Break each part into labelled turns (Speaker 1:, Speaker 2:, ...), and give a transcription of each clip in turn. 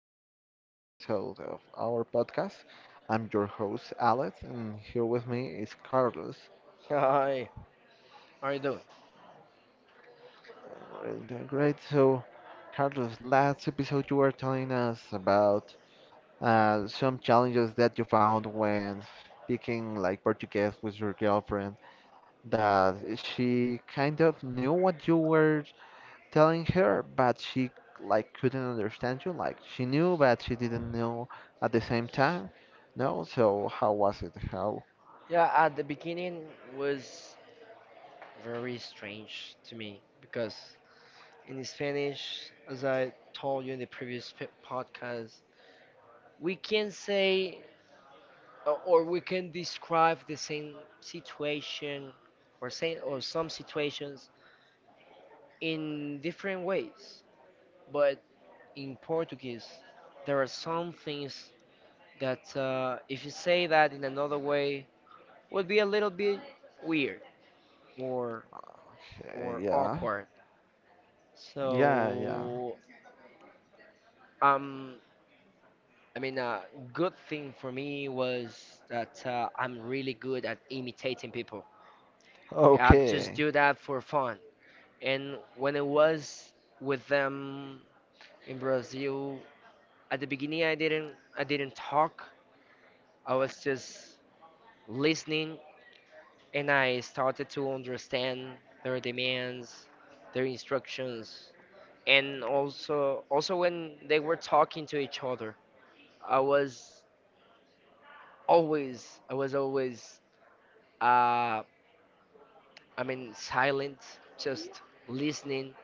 Speaker 1: to this new episode of our podcast. I'm your host, Alex, and here with me is Carlos.
Speaker 2: Hi, I you doing?
Speaker 1: We Great. So, Carlos, last episode you were telling us about some challenges that you found when speaking like Portuguese with your girlfriend, that she kind of knew what you were telling her, but she like couldn't understand you. Like she knew, but she didn't know at the same time. No, so how was it? How?
Speaker 2: Yeah, at the beginning was very strange to me because in Spanish, as I told you in the previous podcast, we can say or we can describe the same situation or say or some situations in different ways. But in Portuguese, there are some things that if you say that in another way would be a little bit weird or.
Speaker 1: Uh,
Speaker 2: or
Speaker 1: yeah,
Speaker 2: awkward.
Speaker 1: yeah, yeah.
Speaker 2: So, um, I mean, a good thing for me was that I'm really good at imitating people. I just
Speaker 1: Okay.
Speaker 2: do that for fun. And when I was with them in Brazil, at the beginning, I didn't talk. I was just listening, and I started to understand their demands, their instructions, and also when they were talking to each other. I was I was always, uh, I mean, silent, just listening.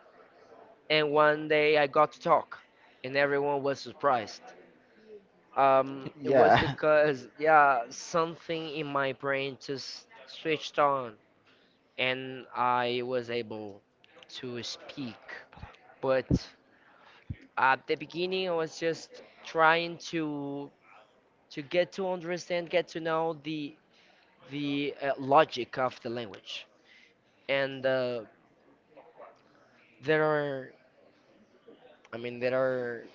Speaker 2: And one day I got to talk, and everyone was surprised. It was
Speaker 1: Yeah.
Speaker 2: because, yeah, something in my brain just switched on, and I was able to speak. But at the beginning, I was just trying to get to understand, get to know the logic of the language, and there are, I mean, there are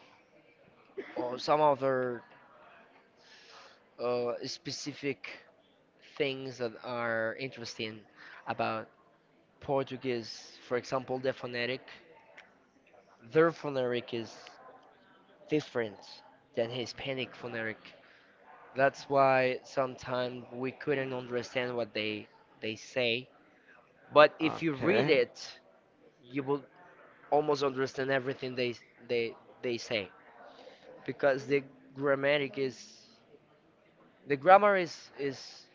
Speaker 2: some other specific things that are interesting about Portuguese. For example, their phonetic is different than Hispanic phonetic. That's why sometimes we couldn't understand what they say, but if you read
Speaker 1: Okay.
Speaker 2: it you will almost understand everything they they say, because the grammatic is The grammar is,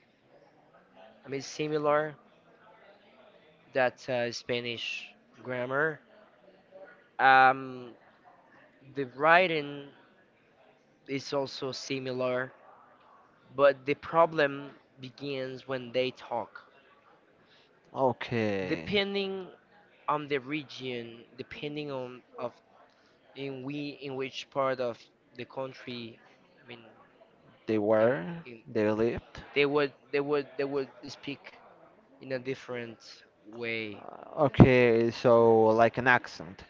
Speaker 2: I mean, similar that Spanish grammar. Um, the writing is also similar, but the problem begins when they talk.
Speaker 1: Okay.
Speaker 2: Depending on the region, depending on of in which part of the country, I mean,
Speaker 1: They
Speaker 2: in
Speaker 1: were.
Speaker 2: in
Speaker 1: They lived.
Speaker 2: they would they would they would speak in a different way.
Speaker 1: Okay, so like an accent.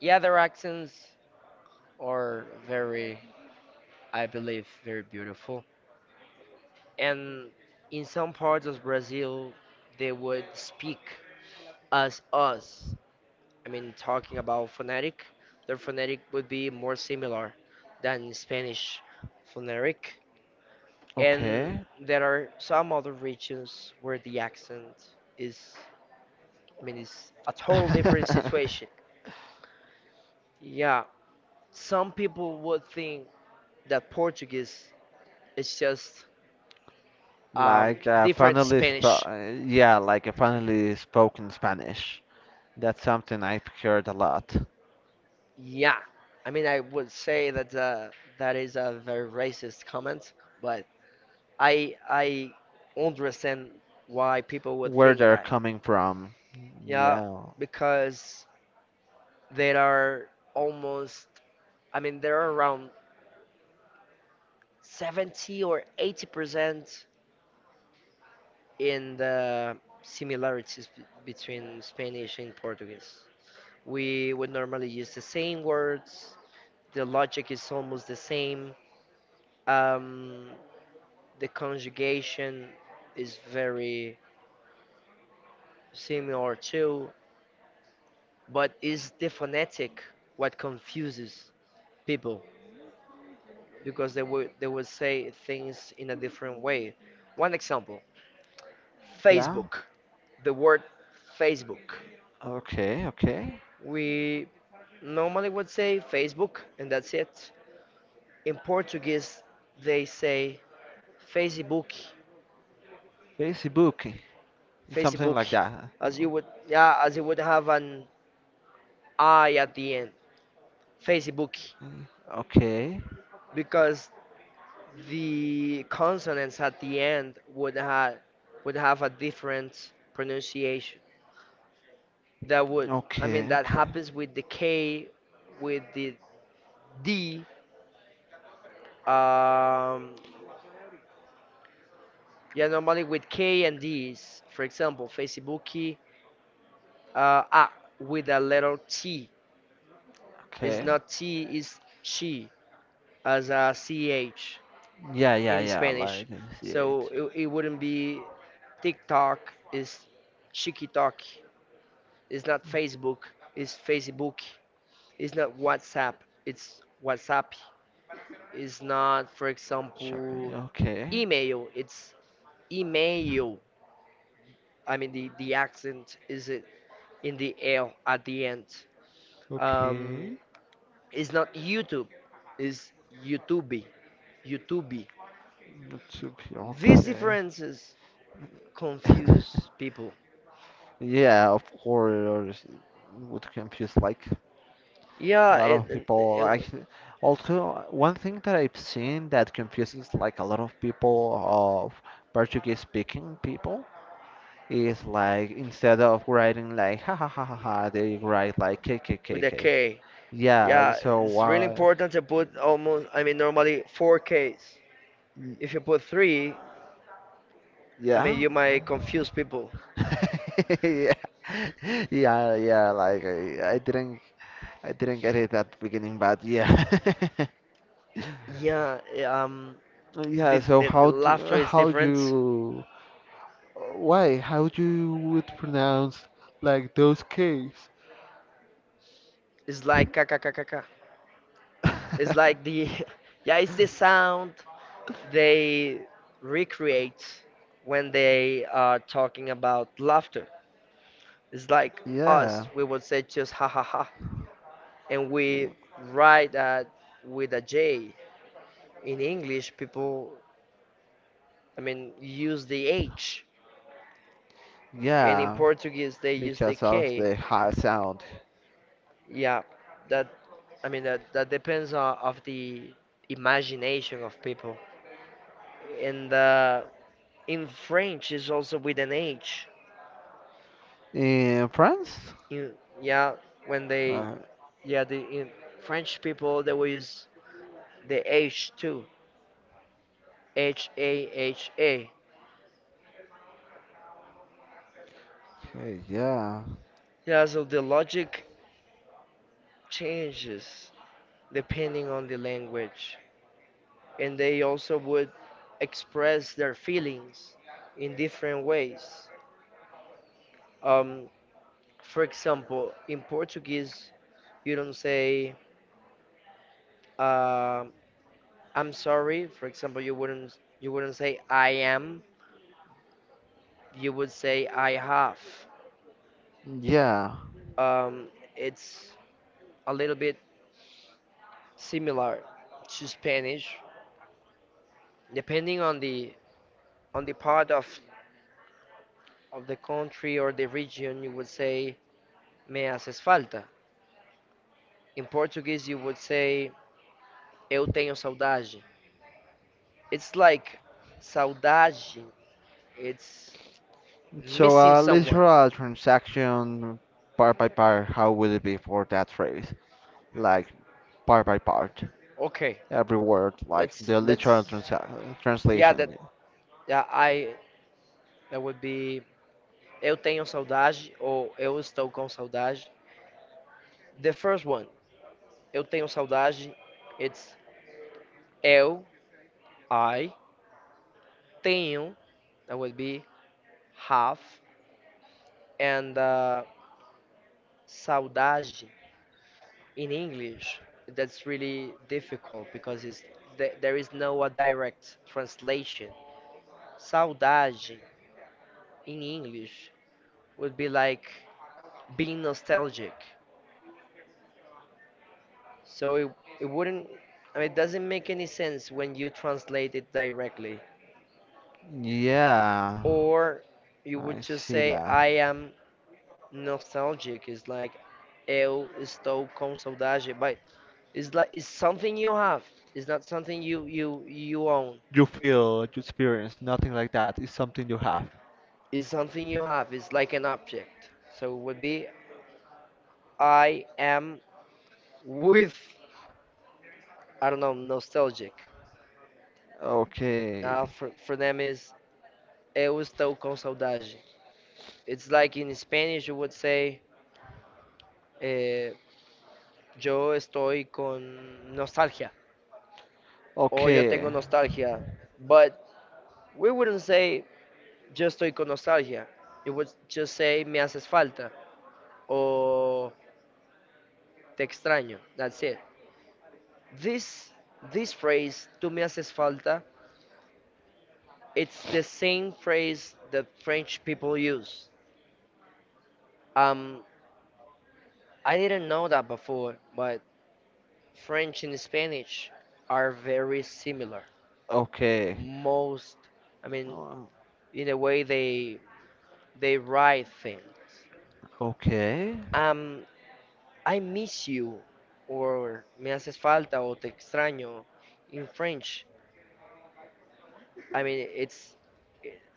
Speaker 2: Yeah, their accents are very, I believe, very beautiful. And in some parts of Brazil, they would speak as us. I mean, talking about phonetic, their phonetic would be more similar than Spanish phonetic. And
Speaker 1: Okay.
Speaker 2: there are some other regions where the accent is, I mean, it's a total different situation. Yeah, some people would think that Portuguese is just um,
Speaker 1: Like
Speaker 2: different Spanish.
Speaker 1: yeah, like a finally spoken Spanish. That's something I've heard a lot.
Speaker 2: Yeah, I mean, I would say that that is a very racist comment, but I understand why people would
Speaker 1: Where
Speaker 2: think
Speaker 1: they're
Speaker 2: that.
Speaker 1: coming from.
Speaker 2: Yeah,
Speaker 1: Yeah.
Speaker 2: because there are almost, I mean, there are around 70 or 80% in the similarities between Spanish and Portuguese. We would normally use the same words. The logic is almost the same. Um, the conjugation is very similar too, but is the phonetic what confuses people because they would say things in a different way. One example,
Speaker 1: Yeah.
Speaker 2: Facebook, the word Facebook.
Speaker 1: Okay, okay.
Speaker 2: We normally would say Facebook and that's it. In Portuguese, they say Facebook,
Speaker 1: Facebook. Something
Speaker 2: Facebook,
Speaker 1: like that.
Speaker 2: as you would, yeah, as you would have an I at the end, Facebook,
Speaker 1: Okay.
Speaker 2: because the consonants at the end would have a different pronunciation. That would I mean
Speaker 1: Okay,
Speaker 2: that
Speaker 1: okay.
Speaker 2: happens with the K, with the D. Um, yeah, normally with K and D's. For example, Facebooki, uh, ah, with a letter T. It's
Speaker 1: Okay.
Speaker 2: not T, it's chi as a ch
Speaker 1: Yeah, yeah,
Speaker 2: in
Speaker 1: yeah.
Speaker 2: Spanish.
Speaker 1: Like, I see
Speaker 2: So
Speaker 1: it.
Speaker 2: it wouldn't be, TikTok is Chikitoki. It's not Facebook. It's Facebook. It's not WhatsApp. It's WhatsApp. It's not, for
Speaker 1: Shopping.
Speaker 2: example,
Speaker 1: Okay.
Speaker 2: email. It's email. I mean, the accent is it in the L at the end. Um,
Speaker 1: Okay.
Speaker 2: it's not YouTube. It's YouTube. YouTube.
Speaker 1: Not to be
Speaker 2: These
Speaker 1: okay.
Speaker 2: differences confuse people.
Speaker 1: Yeah, of course, with confuse like a
Speaker 2: Yeah,
Speaker 1: lot
Speaker 2: and,
Speaker 1: of
Speaker 2: and,
Speaker 1: people.
Speaker 2: and
Speaker 1: Like, also one thing that I've seen that confuses like a lot of people of Portuguese speaking people is like instead of writing like ha ha ha ha ha, they write like k k k
Speaker 2: with a
Speaker 1: k.
Speaker 2: K.
Speaker 1: Yeah,
Speaker 2: Yeah,
Speaker 1: so
Speaker 2: it's really
Speaker 1: why?
Speaker 2: important to put almost, I mean, normally four Ks. If you put three, I mean,
Speaker 1: Yeah.
Speaker 2: you might confuse people.
Speaker 1: Yeah, yeah, yeah. Like I didn't, I didn't get it at the beginning, but yeah,
Speaker 2: Yeah, um,
Speaker 1: yeah.
Speaker 2: the,
Speaker 1: So
Speaker 2: the, the laughter is
Speaker 1: how do
Speaker 2: different.
Speaker 1: you, why, how do you would pronounce like those K's?
Speaker 2: It's like ka ka ka ka ka. It's like yeah, it's the sound they recreate when they are talking about laughter. It's like
Speaker 1: Yeah,
Speaker 2: us, we would say just ha ha ha, and we write that with a J. In English, people, I mean, use the H, and in
Speaker 1: yeah,
Speaker 2: Portuguese, they use the
Speaker 1: because of
Speaker 2: K.
Speaker 1: the high sound
Speaker 2: Yeah, that I mean that depends on of the imagination of people. And in French is also with an H.
Speaker 1: in France.
Speaker 2: In, yeah, when they
Speaker 1: Uh,
Speaker 2: yeah, the in French people they will use the H too. haha.
Speaker 1: okay, yeah,
Speaker 2: Yeah, so the logic changes depending on the language, and they also would express their feelings in different ways. Um, for example, in Portuguese, you don't say, Um, I'm sorry. For example, you wouldn't say I am. You would say I have.
Speaker 1: yeah.
Speaker 2: Um, it's a little bit similar to Spanish, depending on the part of the country or the region. You would say me haces falta. In Portuguese, you would say eu tenho saudade. It's like saudade. It's
Speaker 1: So
Speaker 2: missing
Speaker 1: let's
Speaker 2: someone.
Speaker 1: draw a literal transaction part by part, how will it be for that phrase? Like part by part,
Speaker 2: Okay.
Speaker 1: every word, like the literal
Speaker 2: Let's yeah that
Speaker 1: translation.
Speaker 2: yeah I That would be Eu Tenho Saudade or Eu Estou Com Saudade. The first one, Eu Tenho Saudade, it's Eu, I, Tenho, that would be have, and Saudade in English, that's really difficult because there is no a direct translation. Saudade in English would be like being nostalgic. So it wouldn't, I mean, it doesn't make any sense when you translate it directly.
Speaker 1: Yeah,
Speaker 2: Or you would
Speaker 1: I
Speaker 2: just
Speaker 1: see
Speaker 2: say, I
Speaker 1: that.
Speaker 2: am nostalgic. It's like, eu estou com saudade. But it's like, it's something you have. It's not something you own.
Speaker 1: You feel, you experience, nothing like that. It's something you have.
Speaker 2: It's something you have. It's like an object. So it would be, I am with, I don't know, nostalgic.
Speaker 1: Okay,
Speaker 2: For them is, eu estou com saudade. It's like in Spanish, you would say, uh, yo estoy con nostalgia o yo
Speaker 1: okay,
Speaker 2: tengo nostalgia. But we wouldn't say yo estoy con nostalgia. It would just say me haces falta o te extraño. That's it. This this phrase tú me haces falta. It's the same phrase that French people use. Um, I didn't know that before, but French and Spanish are very similar.
Speaker 1: okay,
Speaker 2: Most, I mean,
Speaker 1: uh,
Speaker 2: in a way they the right things.
Speaker 1: okay,
Speaker 2: Um, I miss you, or me haces falta, o te extraño in French. I mean, it's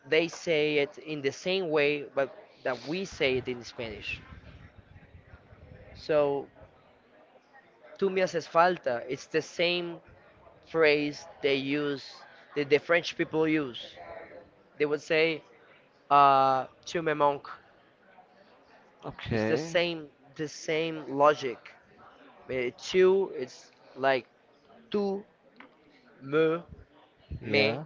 Speaker 2: they say it in the same way, but that we say it in Spanish. So, tú me haces falta, it's the same phrase they use, that the French people use. They would say, tu me manques. It's
Speaker 1: okay.
Speaker 2: the same logic. Tu, it's like tu me me
Speaker 1: Yeah.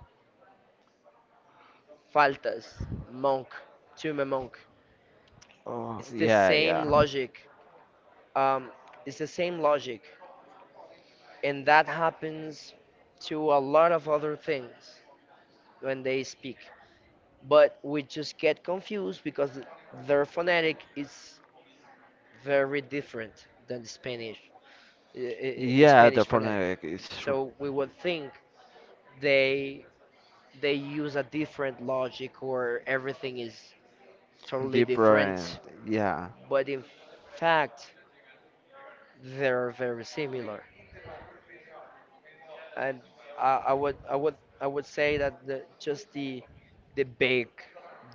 Speaker 2: faltas, monk, tú me monk.
Speaker 1: Oh,
Speaker 2: It's the
Speaker 1: yeah,
Speaker 2: same
Speaker 1: yeah.
Speaker 2: logic. Um, it's the same logic, and that happens to a lot of other things when they speak. But we just get confused because their phonetic is very different than Spanish,
Speaker 1: Yeah, the
Speaker 2: Spanish phonetic.
Speaker 1: partner is
Speaker 2: So we would think they they use a different logic or everything is totally
Speaker 1: different.
Speaker 2: different,
Speaker 1: Yeah,
Speaker 2: but in fact they're very similar, and I, I would I would I would say that just the big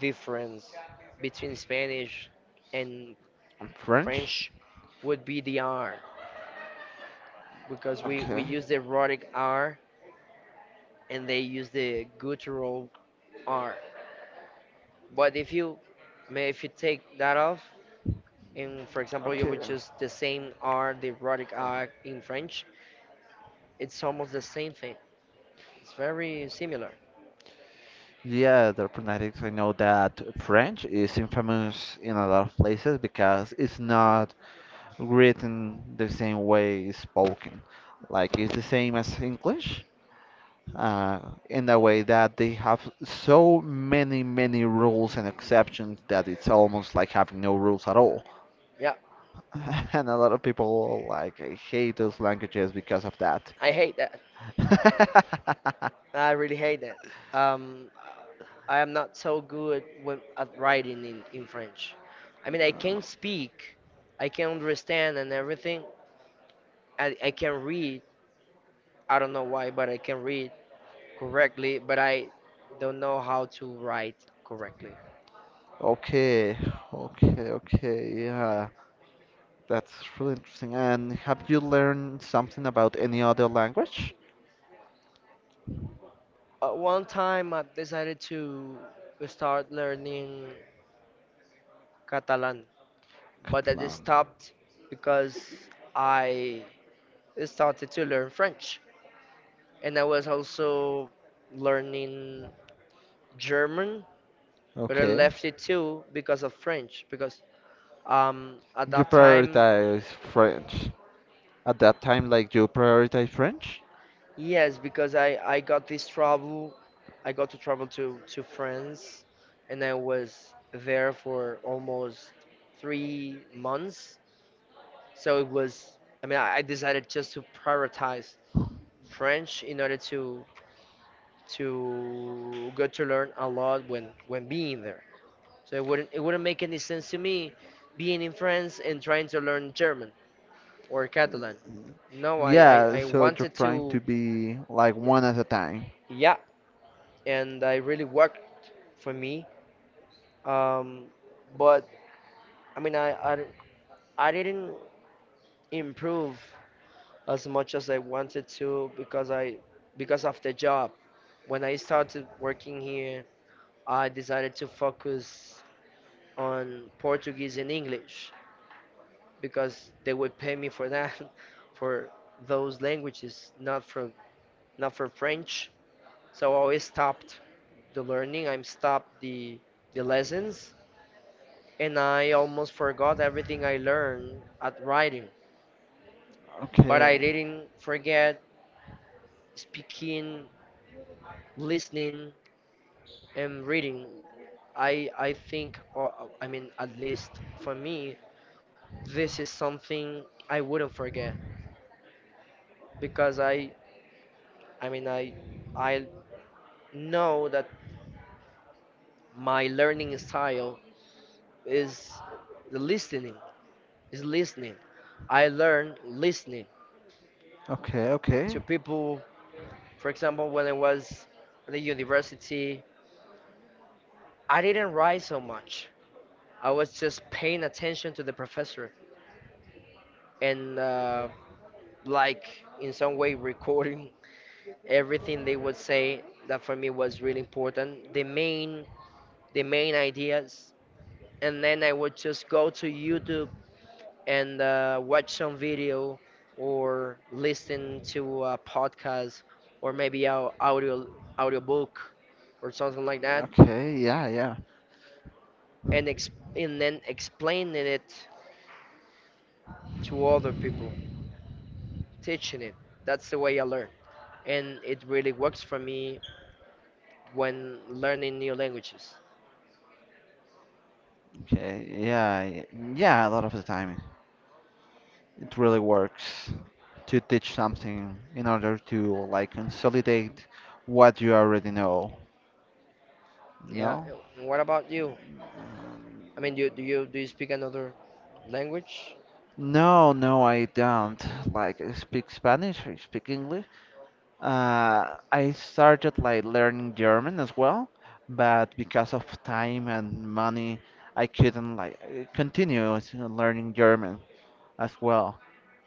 Speaker 2: difference between Spanish and
Speaker 1: French.
Speaker 2: French would be the R, because we use the erotic R and they use the guttural R. But if you take that off and for example you would just the same R, the erotic R in French, it's almost the same thing. It's very similar.
Speaker 1: Yeah, the phonetics. I know that French is infamous in a lot of places because it's not written the same way it's spoken. Like it's the same as English, uh, in a way that they have so many, many rules and exceptions that it's almost like having no rules at all.
Speaker 2: Yeah,
Speaker 1: And a lot of people like hate those languages because of that.
Speaker 2: I hate that. I really hate that. Um, I am not so good at writing in French. I mean, I can speak, I can understand and everything. I can read. I don't know why, but I can read correctly, but I don't know how to write correctly.
Speaker 1: Okay, okay, okay. Yeah, that's really interesting. And have you learned something about any other language?
Speaker 2: At one time, I decided to start learning Catalan, but I just
Speaker 1: Catalan.
Speaker 2: stopped because I started to learn French. And I was also learning German, but I
Speaker 1: Okay.
Speaker 2: left it
Speaker 1: You
Speaker 2: too because of French. Because at that time,
Speaker 1: prioritize French. At that time, like you prioritize French?
Speaker 2: yes, because I got this trouble, I got to travel to France, and I was there for almost 3 months. So it was, I mean, I decided just to prioritize French in order to get to learn a lot when being there. So it wouldn't make any sense to me being in France and trying to learn German or Catalan. No, I, I,
Speaker 1: Yeah,
Speaker 2: I
Speaker 1: so you're
Speaker 2: wanted
Speaker 1: trying
Speaker 2: to
Speaker 1: to be like
Speaker 2: yeah,
Speaker 1: one at a time.
Speaker 2: yeah, and I really worked for me. Um, but I mean I didn't improve as much as I wanted to, because of the job. When I started working here, I decided to focus on Portuguese and English, because they would pay me for that for those languages, not for French. So I always stopped the learning, I'm stopped the lessons, and I almost forgot everything I learned at writing. But I
Speaker 1: Okay.
Speaker 2: didn't forget speaking, listening, and reading. I think, or I mean, at least for me, this is something I wouldn't forget because I mean, I know that my learning style is the listening is listening. I learn listening
Speaker 1: Okay, okay.
Speaker 2: to people. For example, when I was at the university, I didn't write so much, I was just paying attention to the professor, and like in some way recording everything they would say, that for me was really important, the main ideas. And then I would just go to youtube and watch some video or listen to a podcast or maybe a audiobook or something like that.
Speaker 1: Okay, yeah, yeah.
Speaker 2: And and then explaining it to other people, teaching it, that's the way I learn, and it really works for me when learning new languages.
Speaker 1: Okay, yeah, yeah, a lot of the time it really works to teach something in order to like consolidate what you already know, you
Speaker 2: Yeah,
Speaker 1: know?
Speaker 2: and what about you?
Speaker 1: Um,
Speaker 2: I mean, do you speak another language?
Speaker 1: No, no, I don't. Like, I speak Spanish, I speak English. I started like learning German as well, but because of time and money, I couldn't like continue learning German as well.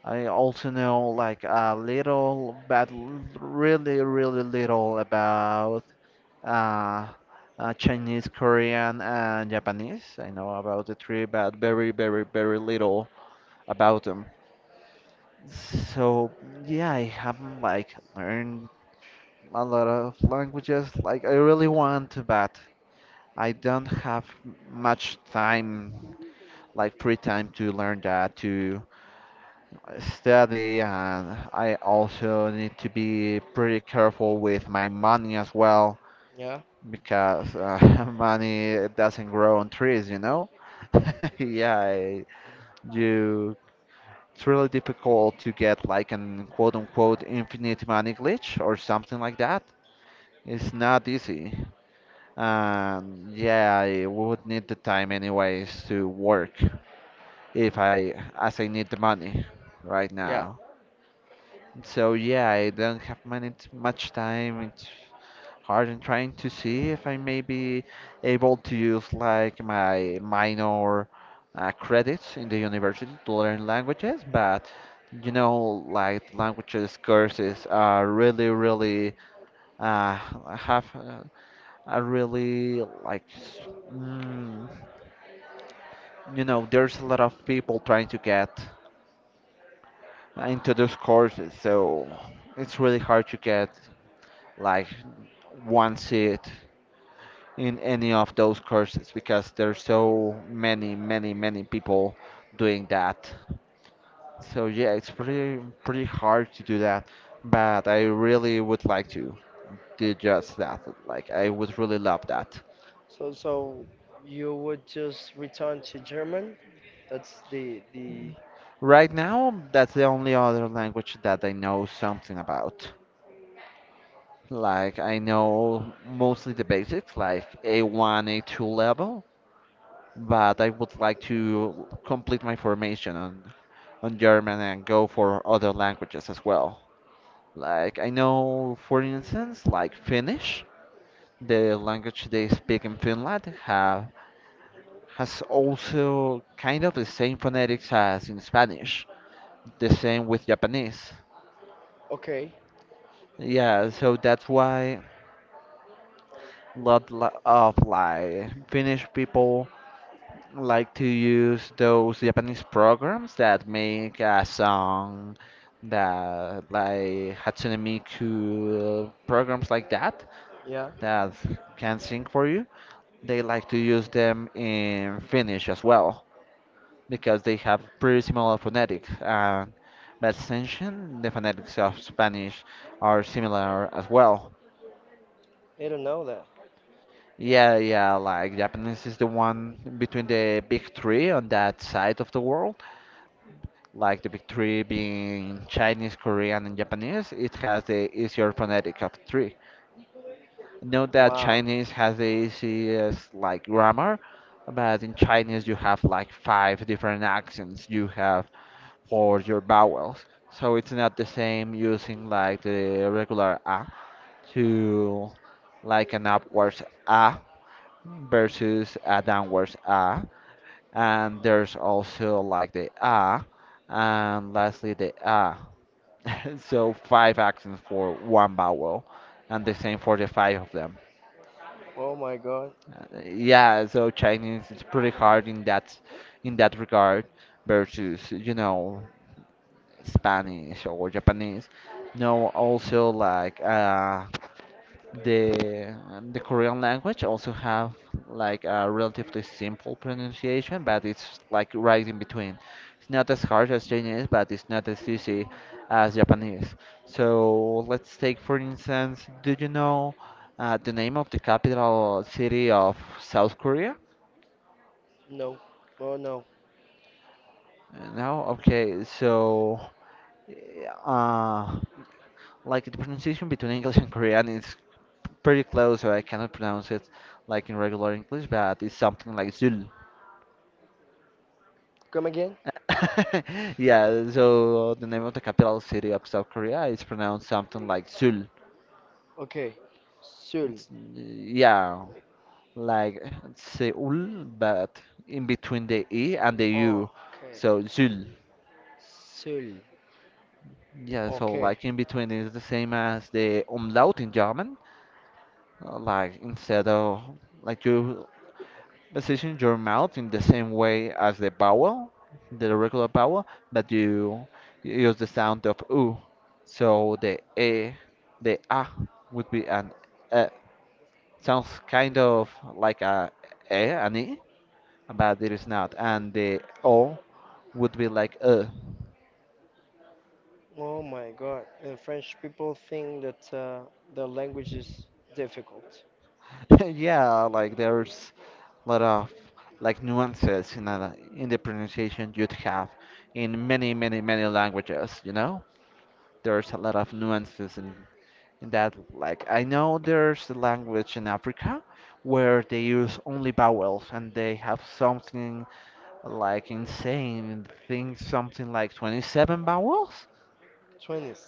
Speaker 1: I also know like a little, but really, really little about uh, Chinese, Korean, and Japanese. I know about the three, but very, very, very little about them. So yeah, I haven't like learned a lot of languages. Like I really want to, but I don't have much time, like free time to learn that, to study, and I also need to be pretty careful with my money as well,
Speaker 2: Yeah,
Speaker 1: because money doesn't grow on trees, you know? Yeah, you it's really difficult to get like an quote unquote infinite money glitch or something like that. It's not easy. And yeah, I would need the time anyways to work if I as I need the money right
Speaker 2: yeah.
Speaker 1: now. So yeah, I don't have many much time. It's hard and trying to see if I may be able to use like my minor credits in the university to learn languages, but you know, like languages courses are really, really uh, have are really like mm, you know, there's a lot of people trying to get into those courses, so it's really hard to get like one seat in any of those courses because there's so many, many, many people doing that. So yeah, it's pretty hard to do that, but I really would like to do just that. Like I would really love that.
Speaker 2: So, you would just return to German? That's the
Speaker 1: Right now, that's the only other language that I know something about. Like I know mostly the basics, like A1, A2 level, but I would like to complete my formation on German and go for other languages as well. Like I know, for instance, like Finnish, the language they speak in Finland have has also kind of the same phonetics as in Spanish, the same with Japanese.
Speaker 2: Okay,
Speaker 1: Yeah, so that's why lot of like Finnish people I like to use those Japanese programs that make a song that like Hatsune Miku programs like that
Speaker 2: yeah.
Speaker 1: that can sing for you. They like to use them in Finnish as well because they have pretty similar phonetics, and by extension the phonetics of Spanish are similar as well.
Speaker 2: I don't know that.
Speaker 1: Yeah, yeah, like Japanese is the one between the big three on that side of the world, like the big three being Chinese, Korean, and Japanese, it has the easier phonetic of three. Note that
Speaker 2: Wow.
Speaker 1: Chinese has the easiest like grammar, but in Chinese you have like five different accents you have for your vowels. So it's not the same using like the regular a to like an upwards a versus a downwards a. And there's also like the a and lastly the a. So five accents for one vowel, and the same for the five of them.
Speaker 2: Oh my God.
Speaker 1: Yeah, so Chinese is pretty hard in that regard versus, you know, Spanish or Japanese. No, also like The the Korean language also have like a relatively simple pronunciation, but it's like right in between. It's not as hard as Chinese, but it's not as easy as Japanese. So let's take for instance, do you know the name of the capital city of South Korea?
Speaker 2: No. Oh no.
Speaker 1: No? Okay, so uh, like the pronunciation between English and Korean is pretty close, so I cannot pronounce it like in regular English, but it's something like Zul.
Speaker 2: Come again?
Speaker 1: Yeah, so the name of the capital city of South Korea is pronounced something like Seoul.
Speaker 2: Okay. Seoul.
Speaker 1: It's- Yeah, like Seoul, but in between the E and the
Speaker 2: Oh,
Speaker 1: U.
Speaker 2: okay.
Speaker 1: So Seoul.
Speaker 2: Seoul.
Speaker 1: Yeah, so
Speaker 2: Okay.
Speaker 1: like in between is the same as the umlaut in German. Like instead of like you position your mouth in the same way as the vowel, the regular vowel, but you use the sound of u. So the e, the a would be an e. Sounds kind of like a e, an e, but it is not. And the o would be like a.
Speaker 2: Oh my God, and French people think that their language is difficult.
Speaker 1: Yeah, like there's a lot of like nuances in a, in the pronunciation you'd have in many, many, many languages, you know? There's a lot of nuances in that, like I know there's a language in Africa where they use only vowels and they have something like insane things, something like 27 vowels.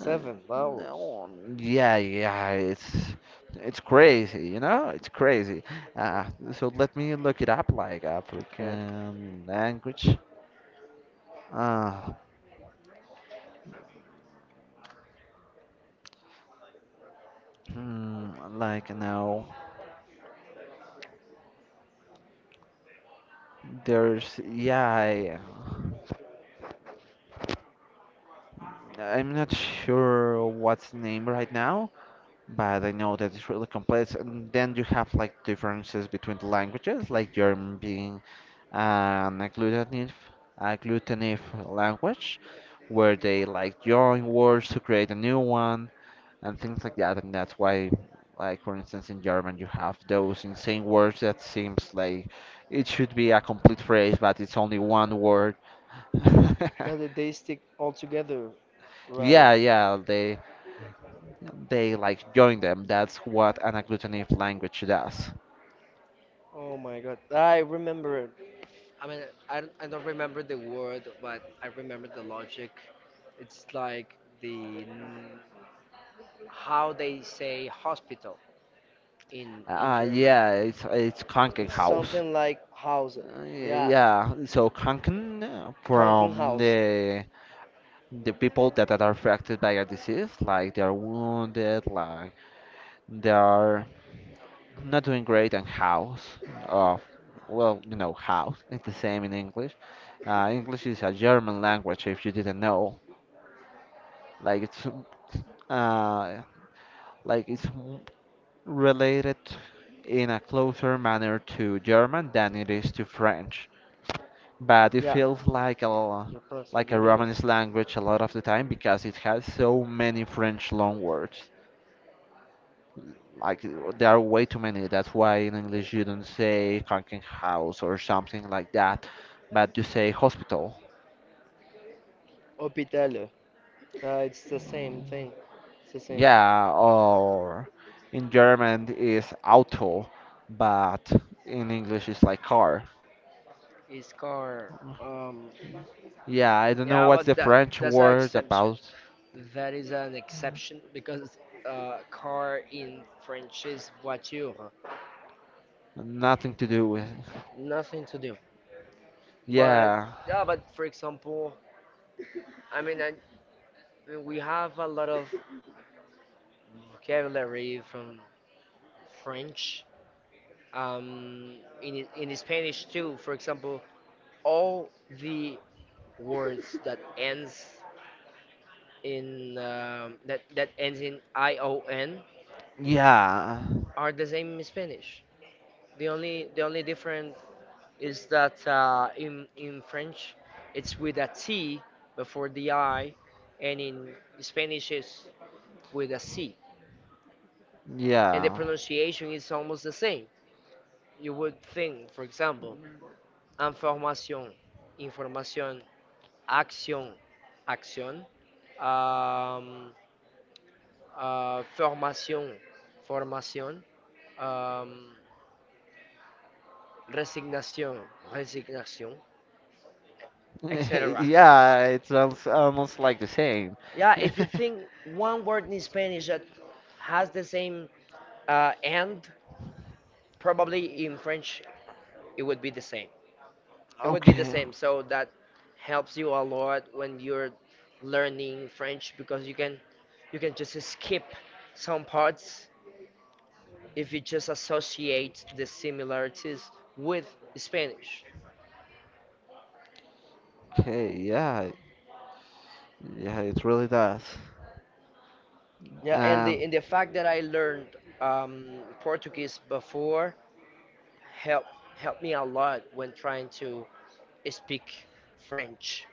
Speaker 1: Uh,
Speaker 2: vowels.
Speaker 1: no, yeah, yeah, it's crazy, you know? It's crazy. Uh, so let me look it up, like
Speaker 2: Okay.
Speaker 1: African language. Uh, hmm, like no, there's yeah. I, I'm not sure what's the name right now, but I know that it's really complex. And then you have like differences between the languages, like German being an agglutinative language, where they like join words to create a new one and things like that. And that's why, like for instance, in German you have those insane words that seems like it should be a complete phrase, but it's only one word.
Speaker 2: That they stick all together, right?
Speaker 1: Yeah, yeah, they like join them. That's what an agglutinative language does.
Speaker 2: Oh my God, I remember it. I mean, I don't remember the word, but I remember the logic. It's like the n- how they say hospital in German.
Speaker 1: Yeah, it's Kanken
Speaker 2: It's
Speaker 1: house.
Speaker 2: something like house. Yeah,
Speaker 1: Yeah, so Kanken from
Speaker 2: Krankenhaus.
Speaker 1: the people that are affected by a disease, like they are wounded, like they are not doing great, and house of, well, you know, house. It's the same in English. English is a German language, if you didn't know. Like it's uh, like it's related in a closer manner to German than it is to French, but it
Speaker 2: Yeah,
Speaker 1: feels like a
Speaker 2: the person is
Speaker 1: Romance language a lot of the time because it has so many French loan words. Like there are way too many. That's why in English you don't say "cranking house" or something like that, but you say hospital.
Speaker 2: Hospital. It's the same thing. It's the same.
Speaker 1: Yeah, or in German is Auto, but in English it's like car.
Speaker 2: It's car. Um,
Speaker 1: Yeah, I don't know
Speaker 2: Yeah,
Speaker 1: what's the
Speaker 2: but that
Speaker 1: French
Speaker 2: that's an
Speaker 1: word
Speaker 2: exception.
Speaker 1: about.
Speaker 2: That is an exception because car in French is voiture.
Speaker 1: Nothing to do with.
Speaker 2: Nothing to do. But,
Speaker 1: Yeah.
Speaker 2: yeah, but for example, I mean, I mean, we have a lot of vocabulary from French, um, in Spanish too. For example, all the words that ends in that that ends in ION
Speaker 1: Yeah.
Speaker 2: are the same in Spanish. The only difference is that in French it's with a T before the I, and in Spanish it's with a C. And the
Speaker 1: Yeah.
Speaker 2: pronunciation is almost the same. You would think, for example, información, información, acción, acción, am, formación, formación, am, resignación, resignación, etc.
Speaker 1: Yeah, it's almost, almost like the same.
Speaker 2: Yeah, if you think one word in Spanish that has the same end, probably in French it would be the same. It would be the
Speaker 1: Okay.
Speaker 2: same. So that helps you a lot when you're learning French because you can just skip some parts if you just associate the similarities with Spanish.
Speaker 1: Okay, yeah. Yeah, it really does.
Speaker 2: Yeah, and the
Speaker 1: And
Speaker 2: and the fact that I learned um, Portuguese before helped helped me a lot when trying to speak French.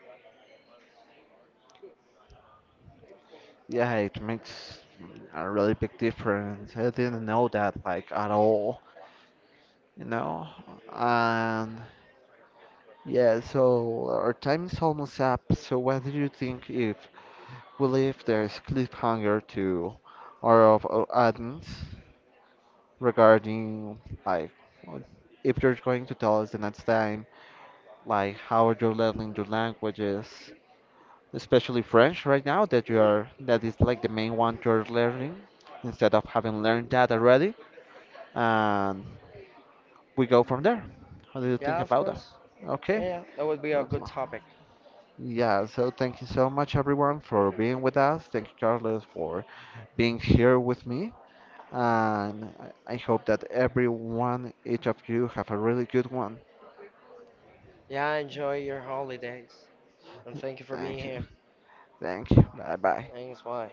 Speaker 1: yeah, it makes a really big difference. I didn't know that like at all, you know? And yeah, so our time is almost up. So what do you think if we leave this cliffhanger to our audience regarding, like, well, if you're going to tell us the next time like how you're learning your languages, especially French right now that you are that is like the main one you're learning instead of having learned that already, and we go from there. How do you think
Speaker 2: Yeah, of
Speaker 1: about that?
Speaker 2: course.
Speaker 1: Okay.
Speaker 2: Yeah, that would be a
Speaker 1: that's
Speaker 2: good
Speaker 1: m-
Speaker 2: topic.
Speaker 1: Yeah, so thank you so much everyone for being with us. Thank you, Carlos, for being here with me, and I hope that everyone, each of you, have a really good one.
Speaker 2: Yeah, enjoy your holidays and thank you for being
Speaker 1: Thank you.
Speaker 2: here.
Speaker 1: Thank you. Bye bye.
Speaker 2: Thanks, bye.